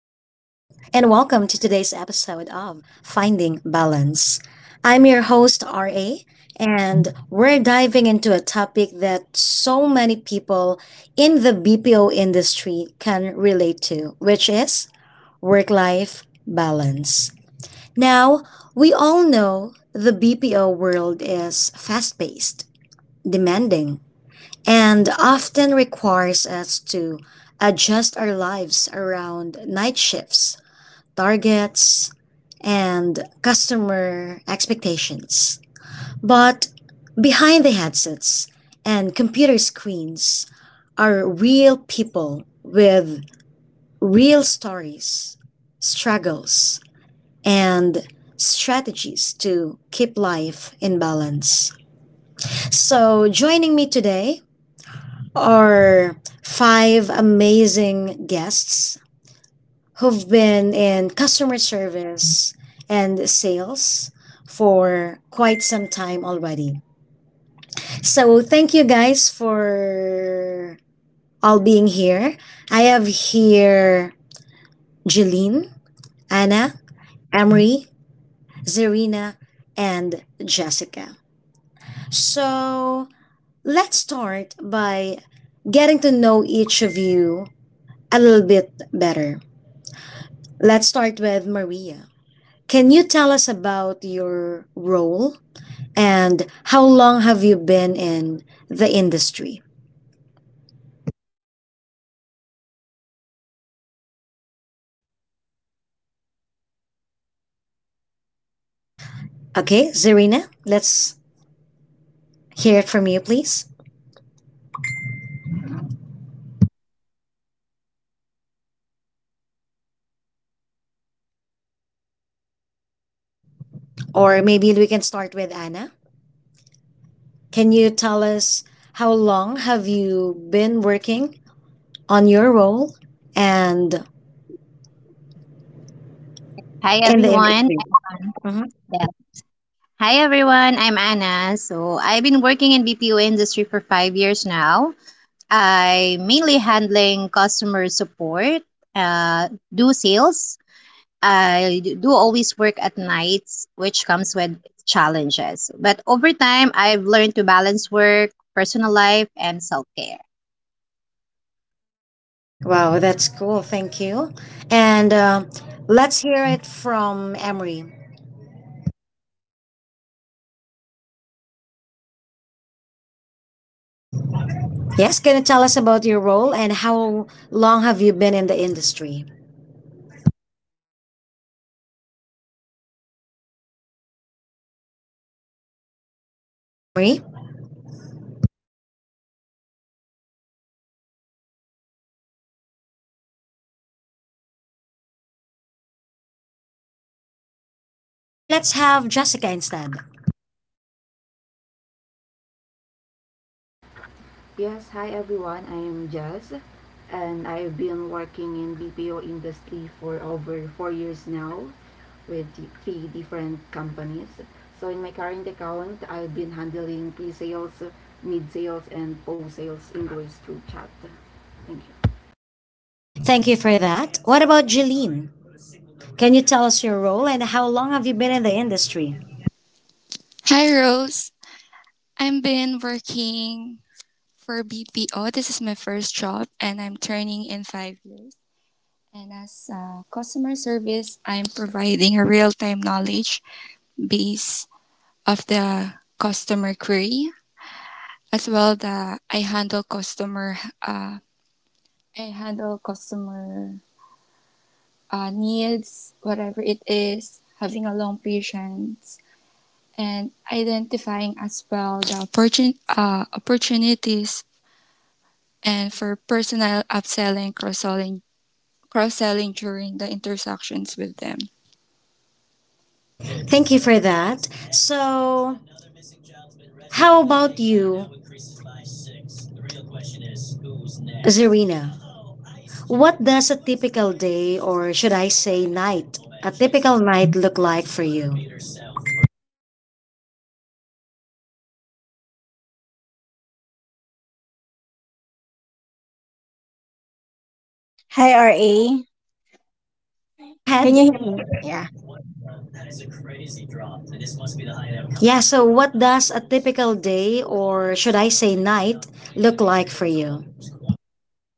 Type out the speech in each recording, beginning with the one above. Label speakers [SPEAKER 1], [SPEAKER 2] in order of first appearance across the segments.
[SPEAKER 1] and welcome to today's episode of Finding Balance. I'm your host, RA, and we're diving into a topic that so many people in the BPO industry can relate to, which is work life balance. Now, we all know the BPO world is fast paced, demanding, and often requires us to adjust our lives around night shifts, targets, and customer expectations. But behind the headsets and computer screens are real people with real stories, struggles, and strategies to keep life in balance. So joining me today are five amazing guests who've been in customer service and sales for quite some time already. So thank you guys for all being here. I have here Jeline, Anna, Emery, Zarina, and Jessica. So let's start by getting to know each of you a little bit better. Let's start with Maria. Can you tell us about your role and how long have you been in the industry? Okay, Zarina, let's hear it from you, please. Or maybe we can start with Anna. Can you tell us how long have you been working on your role and
[SPEAKER 2] Hi
[SPEAKER 1] in the
[SPEAKER 2] everyone.
[SPEAKER 1] industry? Mhm.
[SPEAKER 2] Yeah. Hi everyone. I'm Anna. So I've been working in BPO industry for 5 years now. I mainly handling customer support, uh, do sales. I do always work at nights, which comes with challenges. But over time, I've learned to balance work, personal life, and self care.
[SPEAKER 1] Wow, that's cool. Thank you. And let's hear it from Emery. Yes, can you tell us about your role and how long have you been in the industry? Emery? Or let's have Jessica instead.
[SPEAKER 3] Yes, hi everyone. I am Jazz, and I've been working in BPO industry for over 4 years now with three different companies. So in my current account, I've been handling pre-sales, mid-sales, and post-sales inquiries through chat. Thank you.
[SPEAKER 1] Thank you for that. What about Jeline? Can you tell us your role and how long have you been in the industry?
[SPEAKER 4] Hi, Rose. I've been working for BPO. This is my first job, and I'm turning in 5 years. And as customer service, I'm providing a real time knowledge base of the customer query, as well the I handle customer I handle customer needs, whatever it is, having a long patience, and identifying as well the opportunities and for personal upselling, cross-selling during the intersections with them.
[SPEAKER 1] Thank you for that. So how about you, Zarina? What does a typical day, or should I say night, a typical night look like for you?
[SPEAKER 5] Hi, RA.
[SPEAKER 1] Go
[SPEAKER 5] Can
[SPEAKER 1] ahead.
[SPEAKER 5] you hear me? Yeah.
[SPEAKER 1] Yeah, so what does a typical day or should I say night look like for you?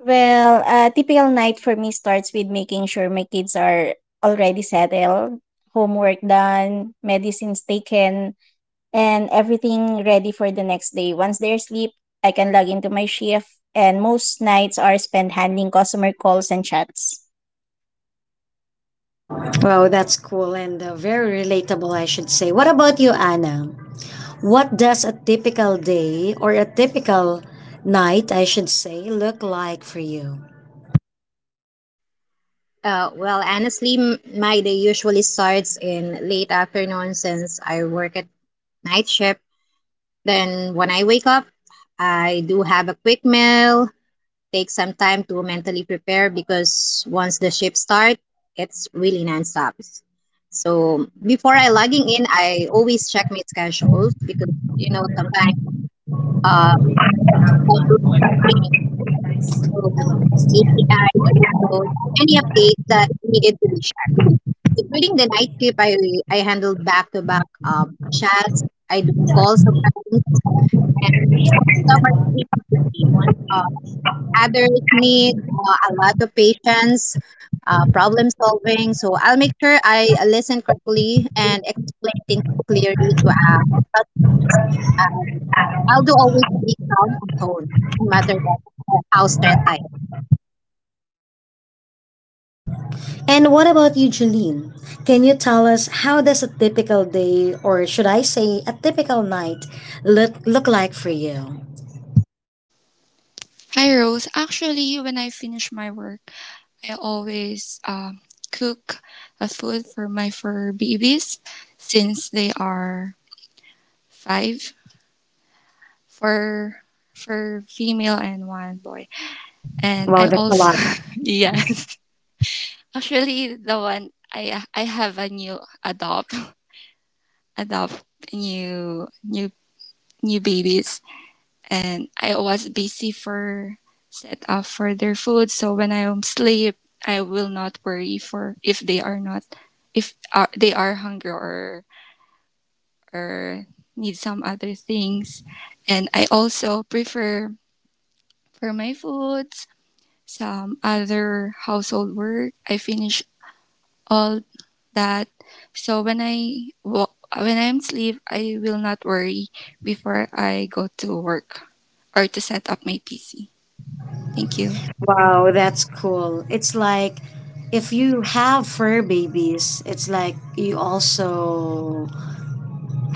[SPEAKER 5] Well, a typical night for me starts with making sure my kids are already settled, homework done, medicines taken, and everything ready for the next day. Once they're asleep, I can log into my shift, and most nights are spent handling customer calls and chats.
[SPEAKER 1] Wow, that's cool and very relatable, I should say. What about you, Anna? What does a typical day or a typical night, I should say, look like for you?
[SPEAKER 2] Well, honestly, my day usually starts in late afternoon since I work at night shift. Then, when I wake up, I do have a quick meal, take some time to mentally prepare because once the shift starts, it's really nonstop. So before I logging in, I always check my schedules because sometimes uh schedules change, so API also any updates that needed to be checked. So during the night shift, I handle back to back chats. I do calls sometimes. Some are 3 to 15. Others need a lot of patience, problem solving. So I'll make sure I listen carefully and explain things clearly to but um, I'll do always be calm and tone, no matter what, how stressed I
[SPEAKER 1] And what about you, Jeline? Can you tell us how does a typical day, or should I say, a typical night, look like for you?
[SPEAKER 4] Hi, Rose. Actually, when I finish my work, I always cook a food for my fur babies since they are five for for female and one boy. And
[SPEAKER 1] Wow,
[SPEAKER 4] I
[SPEAKER 1] that's a
[SPEAKER 4] also
[SPEAKER 1] lot.
[SPEAKER 4] yes, actually the one I have a new adopt adopt new new new babies and I was busy for set up for their food. So when I am sleep, I will not worry for if they are not if are, they are hungry or need some other things. And I also prefer for my foods some other household work. I finish all that. So when I'm sleep, I will not worry before I go to work or to set up my PC. Thank you.
[SPEAKER 1] Wow, that's cool. It's like if you have fur babies, it's like you also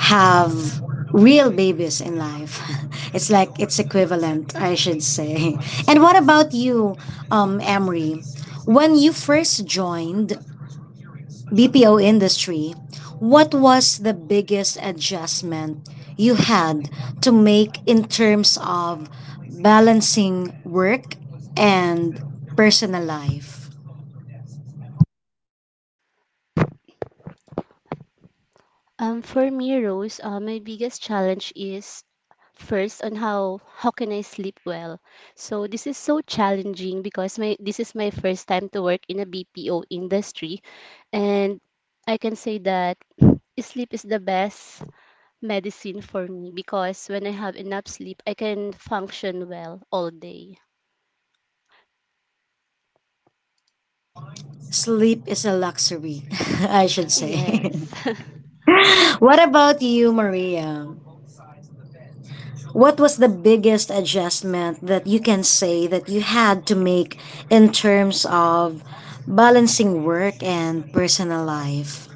[SPEAKER 1] have real babies in life. It's like it's equivalent, I should say. And what about you, Emery? When you first joined BPO industry, what was the biggest adjustment you had to make in terms of balancing work and personal life?
[SPEAKER 6] For me, Rose, my biggest challenge is first on how can I sleep well. So this is so challenging because my this is my first time to work in a BPO industry, and I can say that sleep is the best medicine for me because when I have enough sleep, I can function well all day.
[SPEAKER 1] Sleep is a luxury, I should say.
[SPEAKER 6] Yes.
[SPEAKER 1] What about you, Maria? What was the biggest adjustment that you can say that you had to make in terms of balancing work and personal life?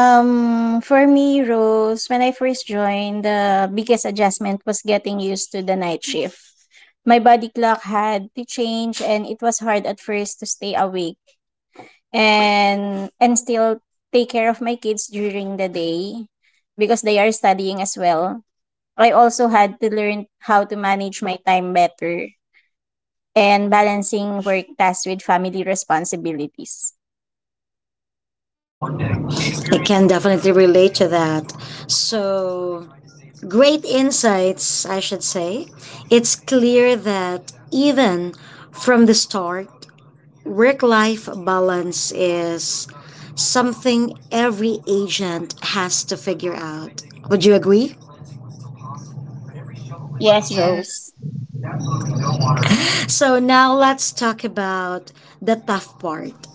[SPEAKER 5] For me, Rose, when I first joined, the biggest adjustment was getting used to the night shift. My body clock had to change, and it was hard at first to stay awake and still take care of my kids during the day because they are studying as well. I also had to learn how to manage my time better and balancing work tasks with family responsibilities.
[SPEAKER 1] I can definitely relate to that. So great insights, I should say. It's clear that even from the start, work life balance is something every agent has to figure out. Would you agree?
[SPEAKER 5] Yes, Rose.
[SPEAKER 4] Yes,
[SPEAKER 1] So now let's talk about the tough part.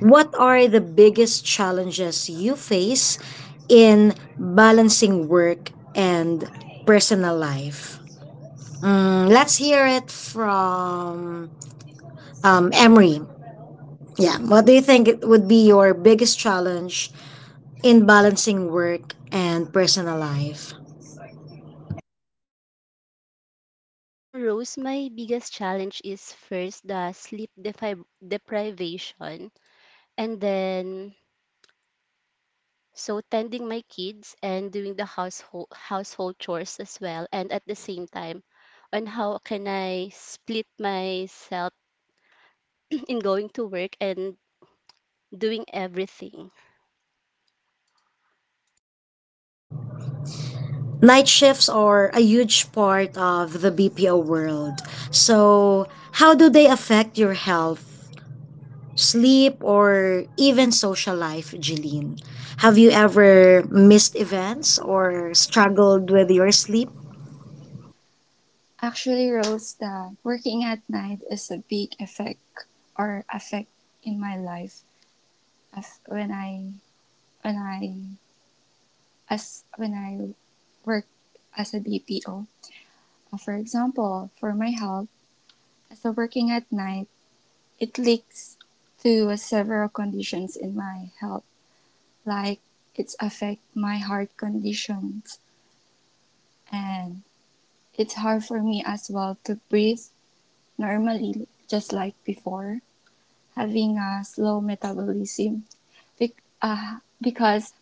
[SPEAKER 1] What are the biggest challenges you face in balancing work and personal life? Mm, let's hear it from Emery. Yeah, what do you think it would be your biggest challenge in balancing work and personal life?
[SPEAKER 6] Rose, my biggest challenge is first the deprivation, and then tending my kids and doing the household chores as well, and at the same time on how can I split myself in going to work and doing everything.
[SPEAKER 1] Night shifts are a huge part of the BPO world. So how do they affect your health sleep, or even social life, Jeline? Have you ever missed events or struggled with your sleep?
[SPEAKER 4] actually, Rose, the working at night is a big effect or affect in my life. As when I as when I work as a BPO. For example, for my health, as a working at night, it leaks to several conditions in my health, like it's affect my heart conditions and it's hard for me as well to breathe normally, just like before having a slow metabolism because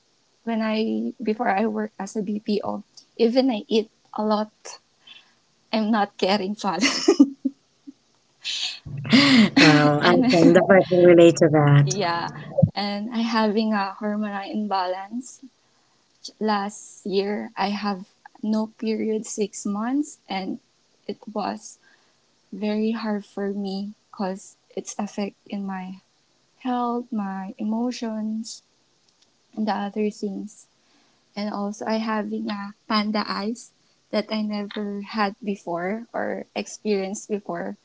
[SPEAKER 4] when I before I worked as a BPO, even I eat a lot, I'm not getting fat,
[SPEAKER 1] Well, I can
[SPEAKER 4] and
[SPEAKER 1] definitely relate to that.
[SPEAKER 4] yeah, and I having a hormonal imbalance. Last year, I have no period 6 months, and it was very hard for me because it's affect in my health, my emotions, and the other things and also I having a panda eyes that I never had before or experienced before.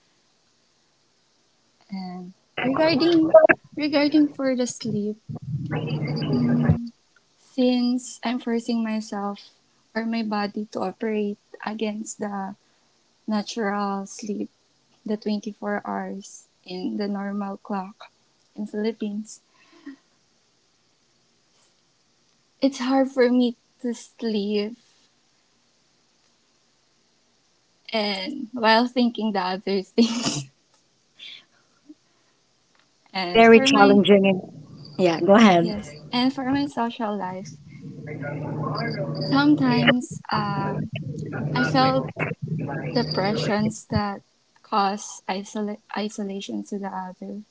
[SPEAKER 4] And regarding regarding for the sleep, mm, since I'm forcing myself or my body to operate against the natural sleep, the 24 hours in the normal clock in Philippines, it's hard for me to sleep and while thinking the other things. and
[SPEAKER 1] Very
[SPEAKER 4] for my
[SPEAKER 1] challenging. Yeah, go ahead.
[SPEAKER 4] Yes. And for my social life, sometimes I felt depressions that cause isolation to the other.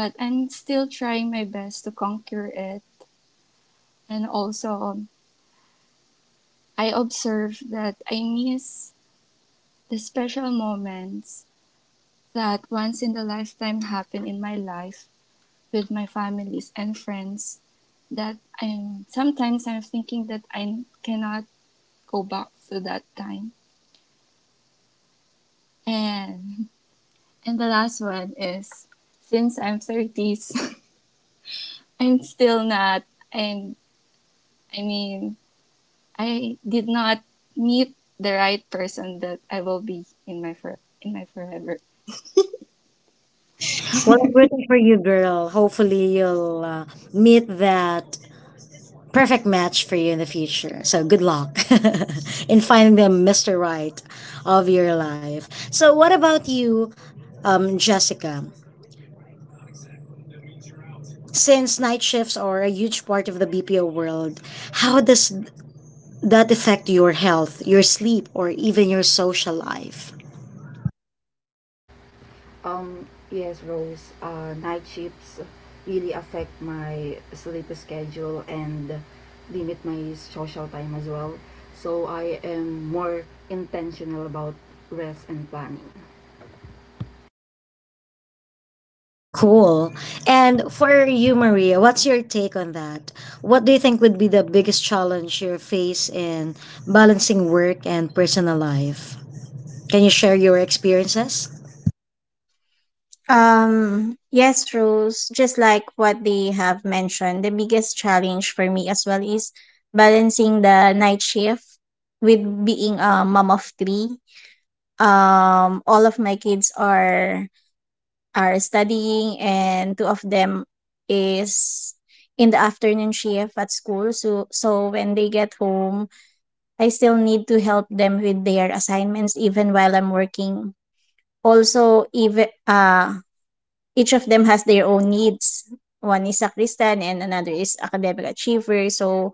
[SPEAKER 4] But I'm still trying my best to conquer it. And also, I observe that I miss the special moments that once in a lifetime happen in my life with my families and friends that I'm sometimes I'm thinking that I cannot go back to that time. And and the last one is since I'm 30s, I'm still not I'm I mean, I did not meet the right person that I will be in my for in my forever.
[SPEAKER 1] Well, I'm rooting for you, girl. Hopefully, you'll meet that perfect match for you in the future. So good luck in finding the Mr. Right of your life. So what about you, Jessica? Since night shifts are a huge part of the BPO world, how does that affect your health, your sleep, or even your social life?
[SPEAKER 3] Yes, Rose. Night shifts really affect my sleep schedule and limit my social time as well. So I am more intentional about rest and planning.
[SPEAKER 1] Cool. And for you, Maria, what's your take on that? What do you think would be the biggest challenge you face in balancing work and personal life? Can you share your experiences?
[SPEAKER 5] Yes, Rose, just like what they have mentioned, the biggest challenge for me as well is balancing the night shift with being a mom of three. All of my kids are studying, and two of them is in the afternoon shift at school. So when they get home, I still need to help them with their assignments even while I'm working. Also, even each of them has their own needs. One is a Christian and another is academic achiever. So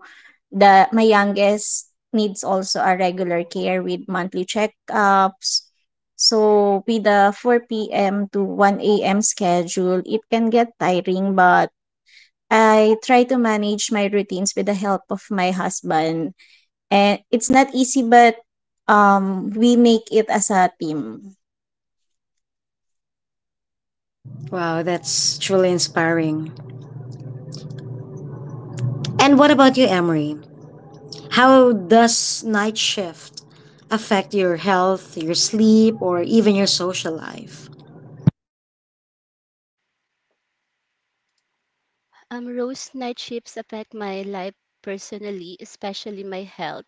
[SPEAKER 5] the my youngest needs also a regular care with monthly checkups. So with the 4 p.m. to 1 a.m. schedule, it can get tiring, but I try to manage my routines with the help of my husband. And it's not easy, but we make it as a team.
[SPEAKER 1] Wow, that's truly inspiring. And what about you, Emery? How does night shift affect your health, your sleep, or even your social life?
[SPEAKER 6] Rose, night shifts affect my life personally, especially my health,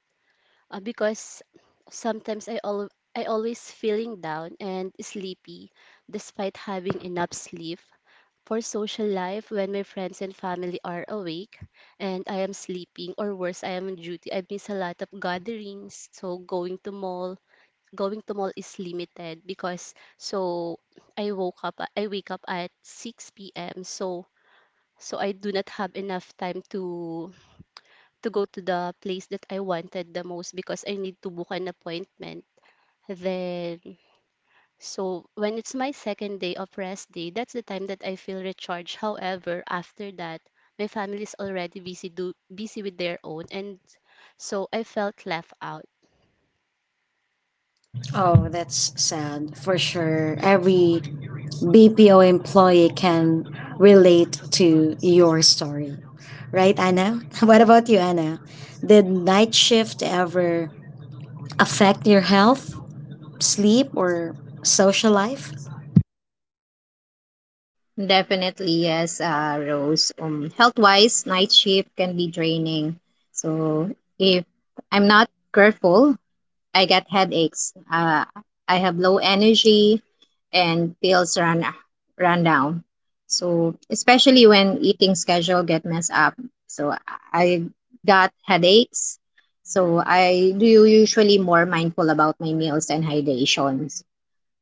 [SPEAKER 6] because sometimes I always feeling down and sleepy despite having enough sleep. For social life, when my friends and family are awake and I am sleeping or worse, I am on duty, I miss a lot of gatherings. So going to mall is limited because so I wake up at 6 p.m. So so I do not have enough time to go to the place that I wanted the most because I need to book an appointment. Then so when it's my second day of rest day, that's the time that I feel recharged. However, after that, my family is already busy with their own, and so I felt left out.
[SPEAKER 1] Oh, that's sad for sure. Every BPO employee can relate to your story, right, Anna? What about you, Anna? Did night shift ever affect your health, sleep, or social life?
[SPEAKER 2] am. Definitely, yes, Rose. Health wise, night shift can be draining. So if I'm not careful, I get headaches. I have low energy, and pills run down. So especially when eating schedule get messed up. So I got headaches. So I do usually more mindful about my meals and hydration.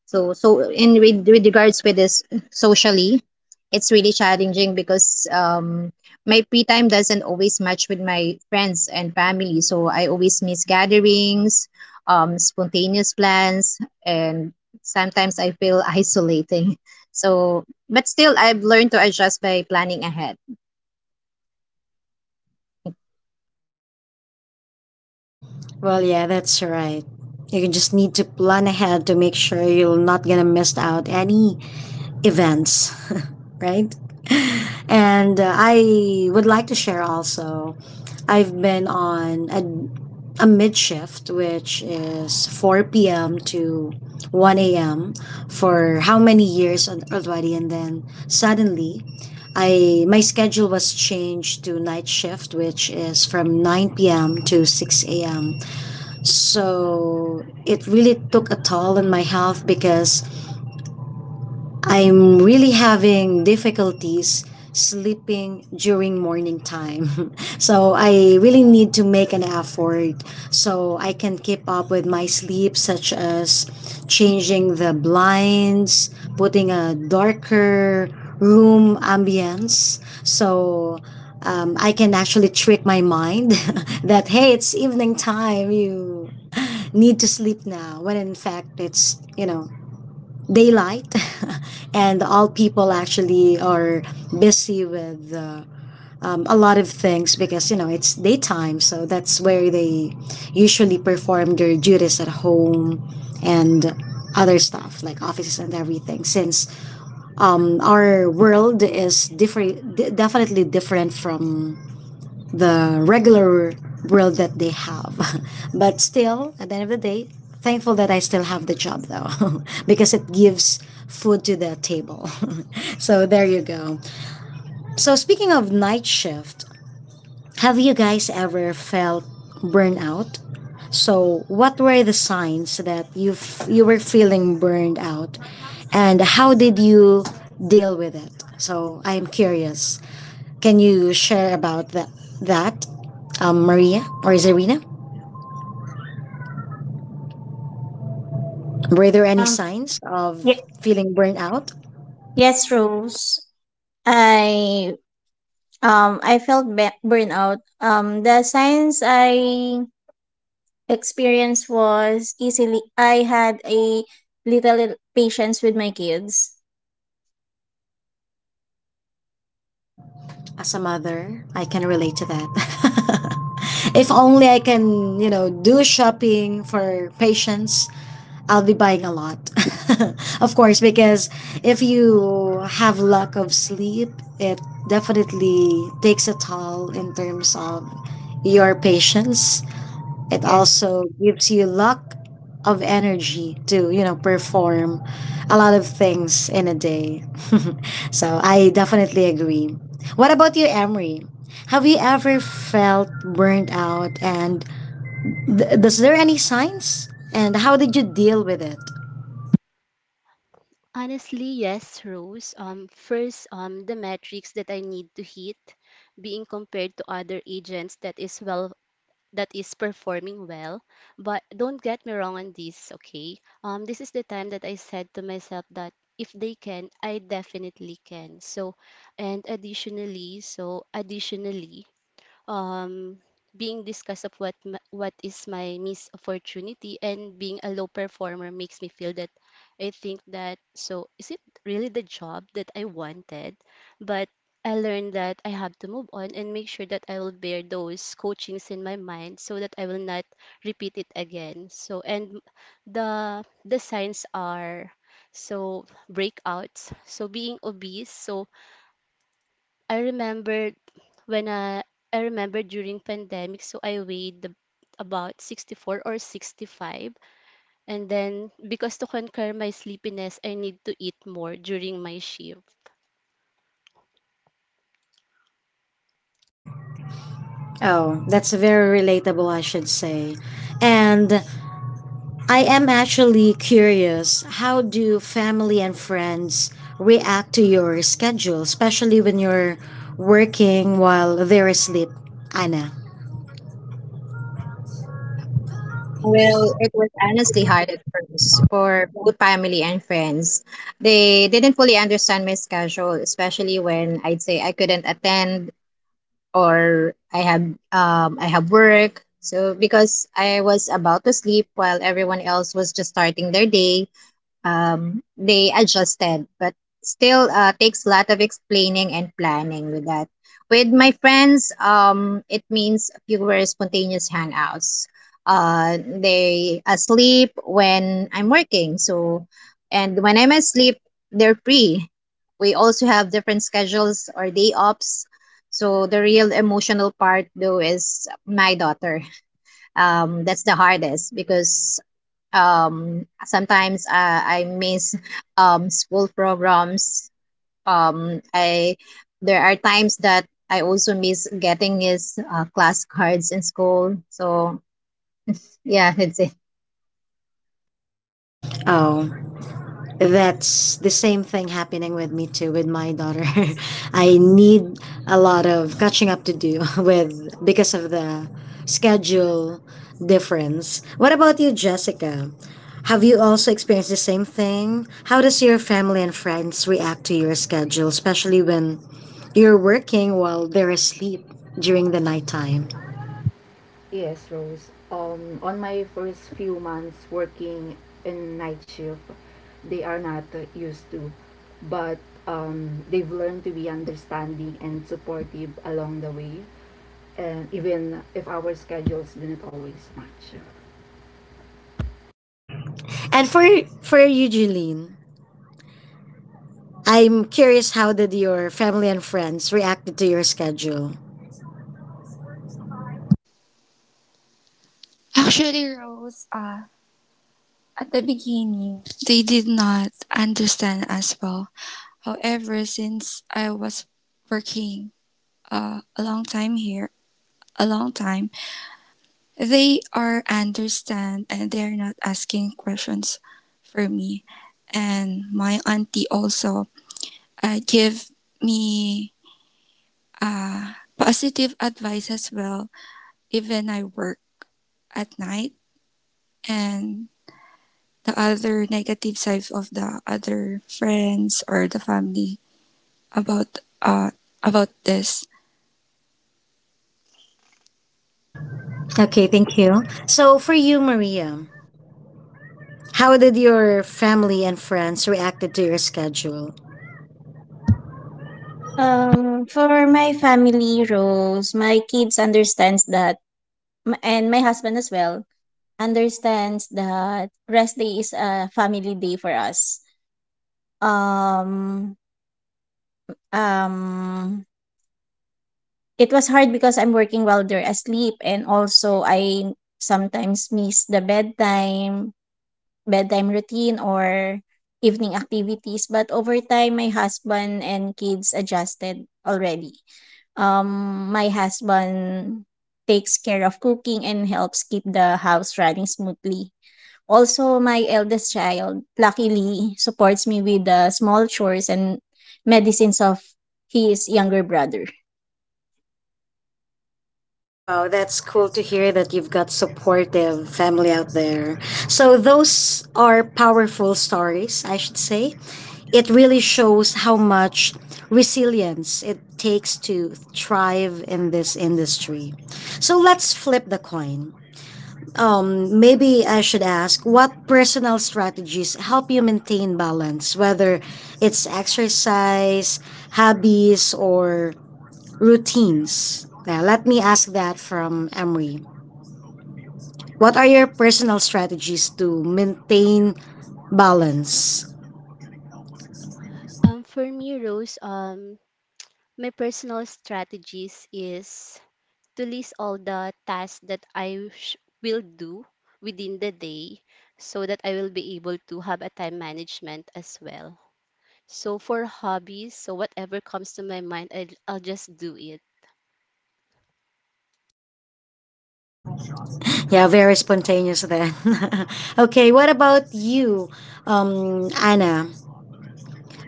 [SPEAKER 2] So in with regards with this socially, it's really challenging because my free time doesn't always match with my friends and family. So I always miss gatherings, spontaneous plans, and sometimes I feel isolating. So, but still, I've learned to adjust by planning ahead.
[SPEAKER 1] Well, yeah, that's right. You can just need to plan ahead to make sure you're not gonna miss out any events, right? And I would like to share also, I've been on a mid shift, which is 4 p.m. to 1 a.m. for how many years already. And then suddenly, I my schedule was changed to night shift, which is from 9 p.m. to 6 a.m. So it really took a toll on my health because I'm really having difficulties sleeping during morning time. So I really need to make an effort so I can keep up with my sleep, such as changing the blinds, putting a darker room ambience. So I can actually trick my mind that, hey, it's evening time. You need to sleep now. When in fact, it's, you know, daylight and all people actually are busy with a lot of things because you know it's daytime so that's where they usually perform their duties at home and other stuff like offices and everything since our world is different definitely different from the regular world that they have. But still, at the end of the day, thankful that I still have the job though, because it gives food to the table. So there you go. So speaking of night shift, have you guys ever felt burnout? So what were the signs that you you were feeling burned out, and how did you deal with it? So I am curious. Can you share about that, that Maria or Zarina? Were there any
[SPEAKER 5] Um,
[SPEAKER 1] signs of
[SPEAKER 5] ye-
[SPEAKER 1] feeling burnt out?
[SPEAKER 5] yes, Rose. I I felt burnout. The signs I experienced was easily I had a little patience with my kids.
[SPEAKER 1] As a mother, I can relate to that. If only I can, you know, do shopping for patients, I'll be buying a lot. Of course, because if you have lack of sleep, it definitely takes a toll in terms of your patience. It
[SPEAKER 5] Yes.
[SPEAKER 1] also gives you luck of energy to, you know, perform a lot of things in a day. So I definitely agree. What about you, Emery? Have you ever felt burnt out and does there any signs? And how did you deal with it?
[SPEAKER 6] Honestly, yes, Rose. First, the metrics that I need to hit, being compared to other agents that is that is performing well. But don't get me wrong on this, okay? This is the time that I said to myself that if they can, I definitely can. So, additionally, um, being discussed of what is my missed opportunity and being a low performer makes me feel that I think that so is it really the job that I wanted? But I learned that I have to move on and make sure that I will bear those coachings in my mind so that I will not repeat it again. So, and the signs are so breakouts, so being obese. So I remembered when I I remember during pandemic, so about 64 or 65. And then because to conquer my sleepiness, I need to eat more during my shift.
[SPEAKER 1] Oh, that's very relatable, I should say. And I am actually curious how do family and friends react to your schedule, especially when you're working while they're asleep, Anna?
[SPEAKER 2] Well, it was honestly hard at first for both family and friends. They didn't fully understand my schedule, especially when I'd say I couldn't attend or I have work. So because I was about to sleep while everyone else was just starting their day, they adjusted, but still takes a lot of explaining and planning with that. With my friends, it means fewer spontaneous hangouts. They asleep when I'm working, so and when I'm asleep, they're free. We also have different schedules or day ops. So the real emotional part though is my daughter. That's the hardest because sometimes I miss school programs. I There are times that I also miss getting his class cards in school, so yeah, that's it.
[SPEAKER 1] Oh, that's the same thing happening with me too with my daughter. I need a lot of catching up to do with because of the schedule difference. What about you, Jessica? Have you also experienced the same thing? How does your family and friends react to your schedule, especially when you're working while they're asleep during the nighttime?
[SPEAKER 3] Yes, Rose. On my first few months working in night shift, they are not used to, but they've learned to be understanding and supportive along the way, and even if our schedules didn't always match.
[SPEAKER 1] And for you, Julene, I'm curious, how did your family and friends react to your schedule?
[SPEAKER 4] Actually, Rose, at the beginning, they did not understand as well. However, since I was working a long time here, a long time, they are understand and they're not asking questions for me. And my auntie also give me positive advice as well, even I work at night. And the other negative sides of the other friends or the family about uh, about this.
[SPEAKER 1] Okay, thank you. So for you, Maria, how did your family and friends reacted to your schedule?
[SPEAKER 5] For my family roles, my kids understands that and my husband as well understands that rest day is a family day for us. Um um It was hard because I'm working while they're asleep, and also I sometimes miss the bedtime routine or evening activities, but over time my husband and kids adjusted already. My husband takes care of cooking and helps keep the house running smoothly. Also, my eldest child luckily supports me with the small chores and medicines of his younger brother.
[SPEAKER 1] Wow, that's cool to hear that you've got supportive family out there. So those are powerful stories, I should say. It really shows how much resilience it takes to thrive in this industry. So let's flip the coin. Maybe I should ask, what personal strategies help you maintain balance, whether it's exercise, hobbies, or routines? Yeah, let me ask that from Emery. What are your personal strategies to maintain balance?
[SPEAKER 6] For me, Rose, my personal strategies is to list all the tasks that will do within the day so that I will be able to have a time management as well. So for hobbies, so whatever comes to my mind, I'll just do it.
[SPEAKER 1] Yeah, very spontaneous then. Okay, what about you, Anna?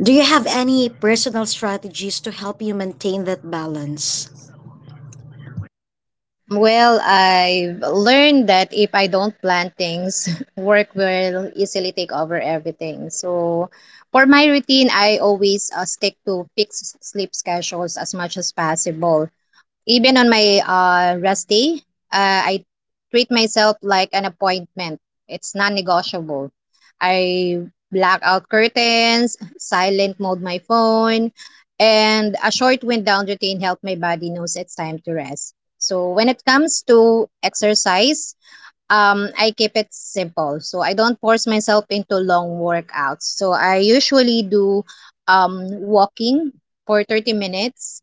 [SPEAKER 1] Do you have any personal strategies to help you maintain that balance?
[SPEAKER 2] Well, I've learned that if I don't plan things work will easily take over everything. So for my routine, I always stick to fixed sleep schedules as much as possible. Even on my rest day, I treat myself like an appointment. It's non negotiable. I black out curtains, silent mode my phone, and a short wind down routine help my body knows it's time to rest. So when it comes to exercise, I keep it simple. So I don't force myself into long workouts. So I usually do walking for 30 minutes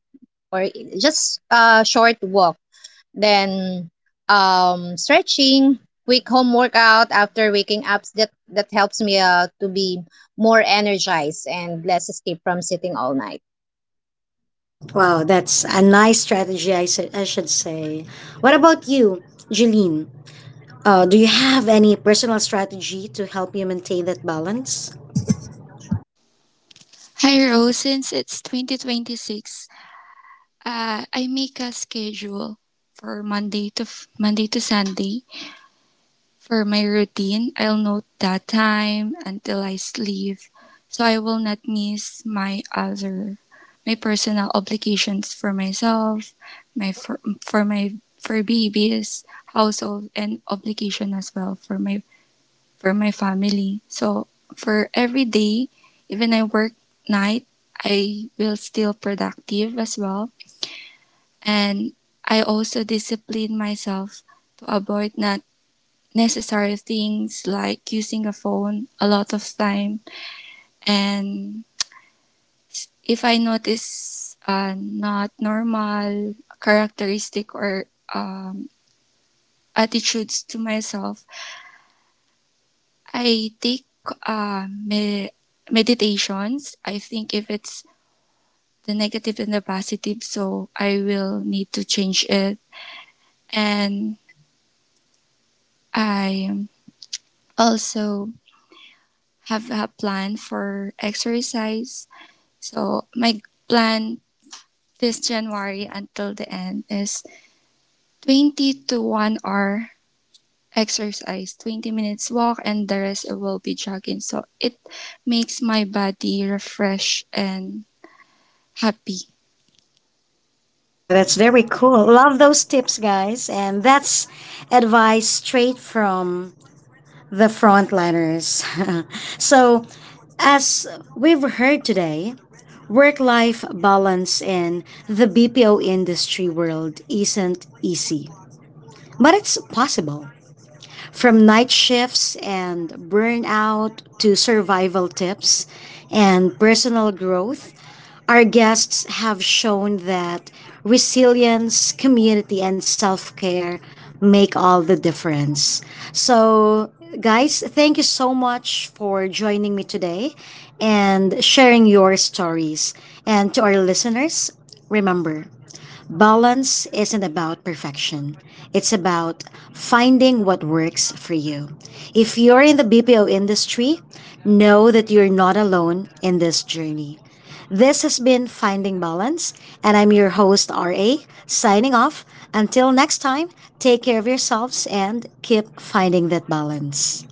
[SPEAKER 2] or just a short walk. Then stretching, quick home workout after waking up that helps me to be more energized and less escape from sitting all night.
[SPEAKER 1] Wow, that's a nice strategy, I should say. What about you, Jeline? Do you have any personal strategy to help you maintain that balance?
[SPEAKER 4] Hi Rose, since it's 2026, I make a schedule for Monday to Monday to Sunday for my routine. I'll note that time until I sleep, so I will not miss my other my personal obligations for myself, my for my for babies, household, and obligation as well for my family. So for every day, even I work night, I will still productive as well and I also discipline myself to avoid not necessary things like using a phone a lot of time. And if I notice not normal characteristic or um, attitudes to myself, I take uh, me- meditations. I think if it's the negative and the positive, so I will need to change it. And I also have a plan for exercise. So my plan this January until the end is 20 to 1 hour exercise, 20 minutes walk and the rest it will be jogging. So it makes my body refresh and happy.
[SPEAKER 1] Wow, that's very cool. Love those tips, guys. And that's advice straight from the frontliners. So, as we've heard today, work life balance in the BPO industry world isn't easy, but it's possible. From night shifts and burnout to survival tips and personal growth, our guests have shown that resilience, community, and self care make all the difference. So guys, thank you so much for joining me today and sharing your stories. And to our listeners, remember, balance isn't about perfection. It's about finding what works for you. If you're in the BPO industry, know that you're not alone in this journey. This has been Finding Balance, and I'm your host, RA, signing off. Until next time, take care of yourselves and keep finding that balance.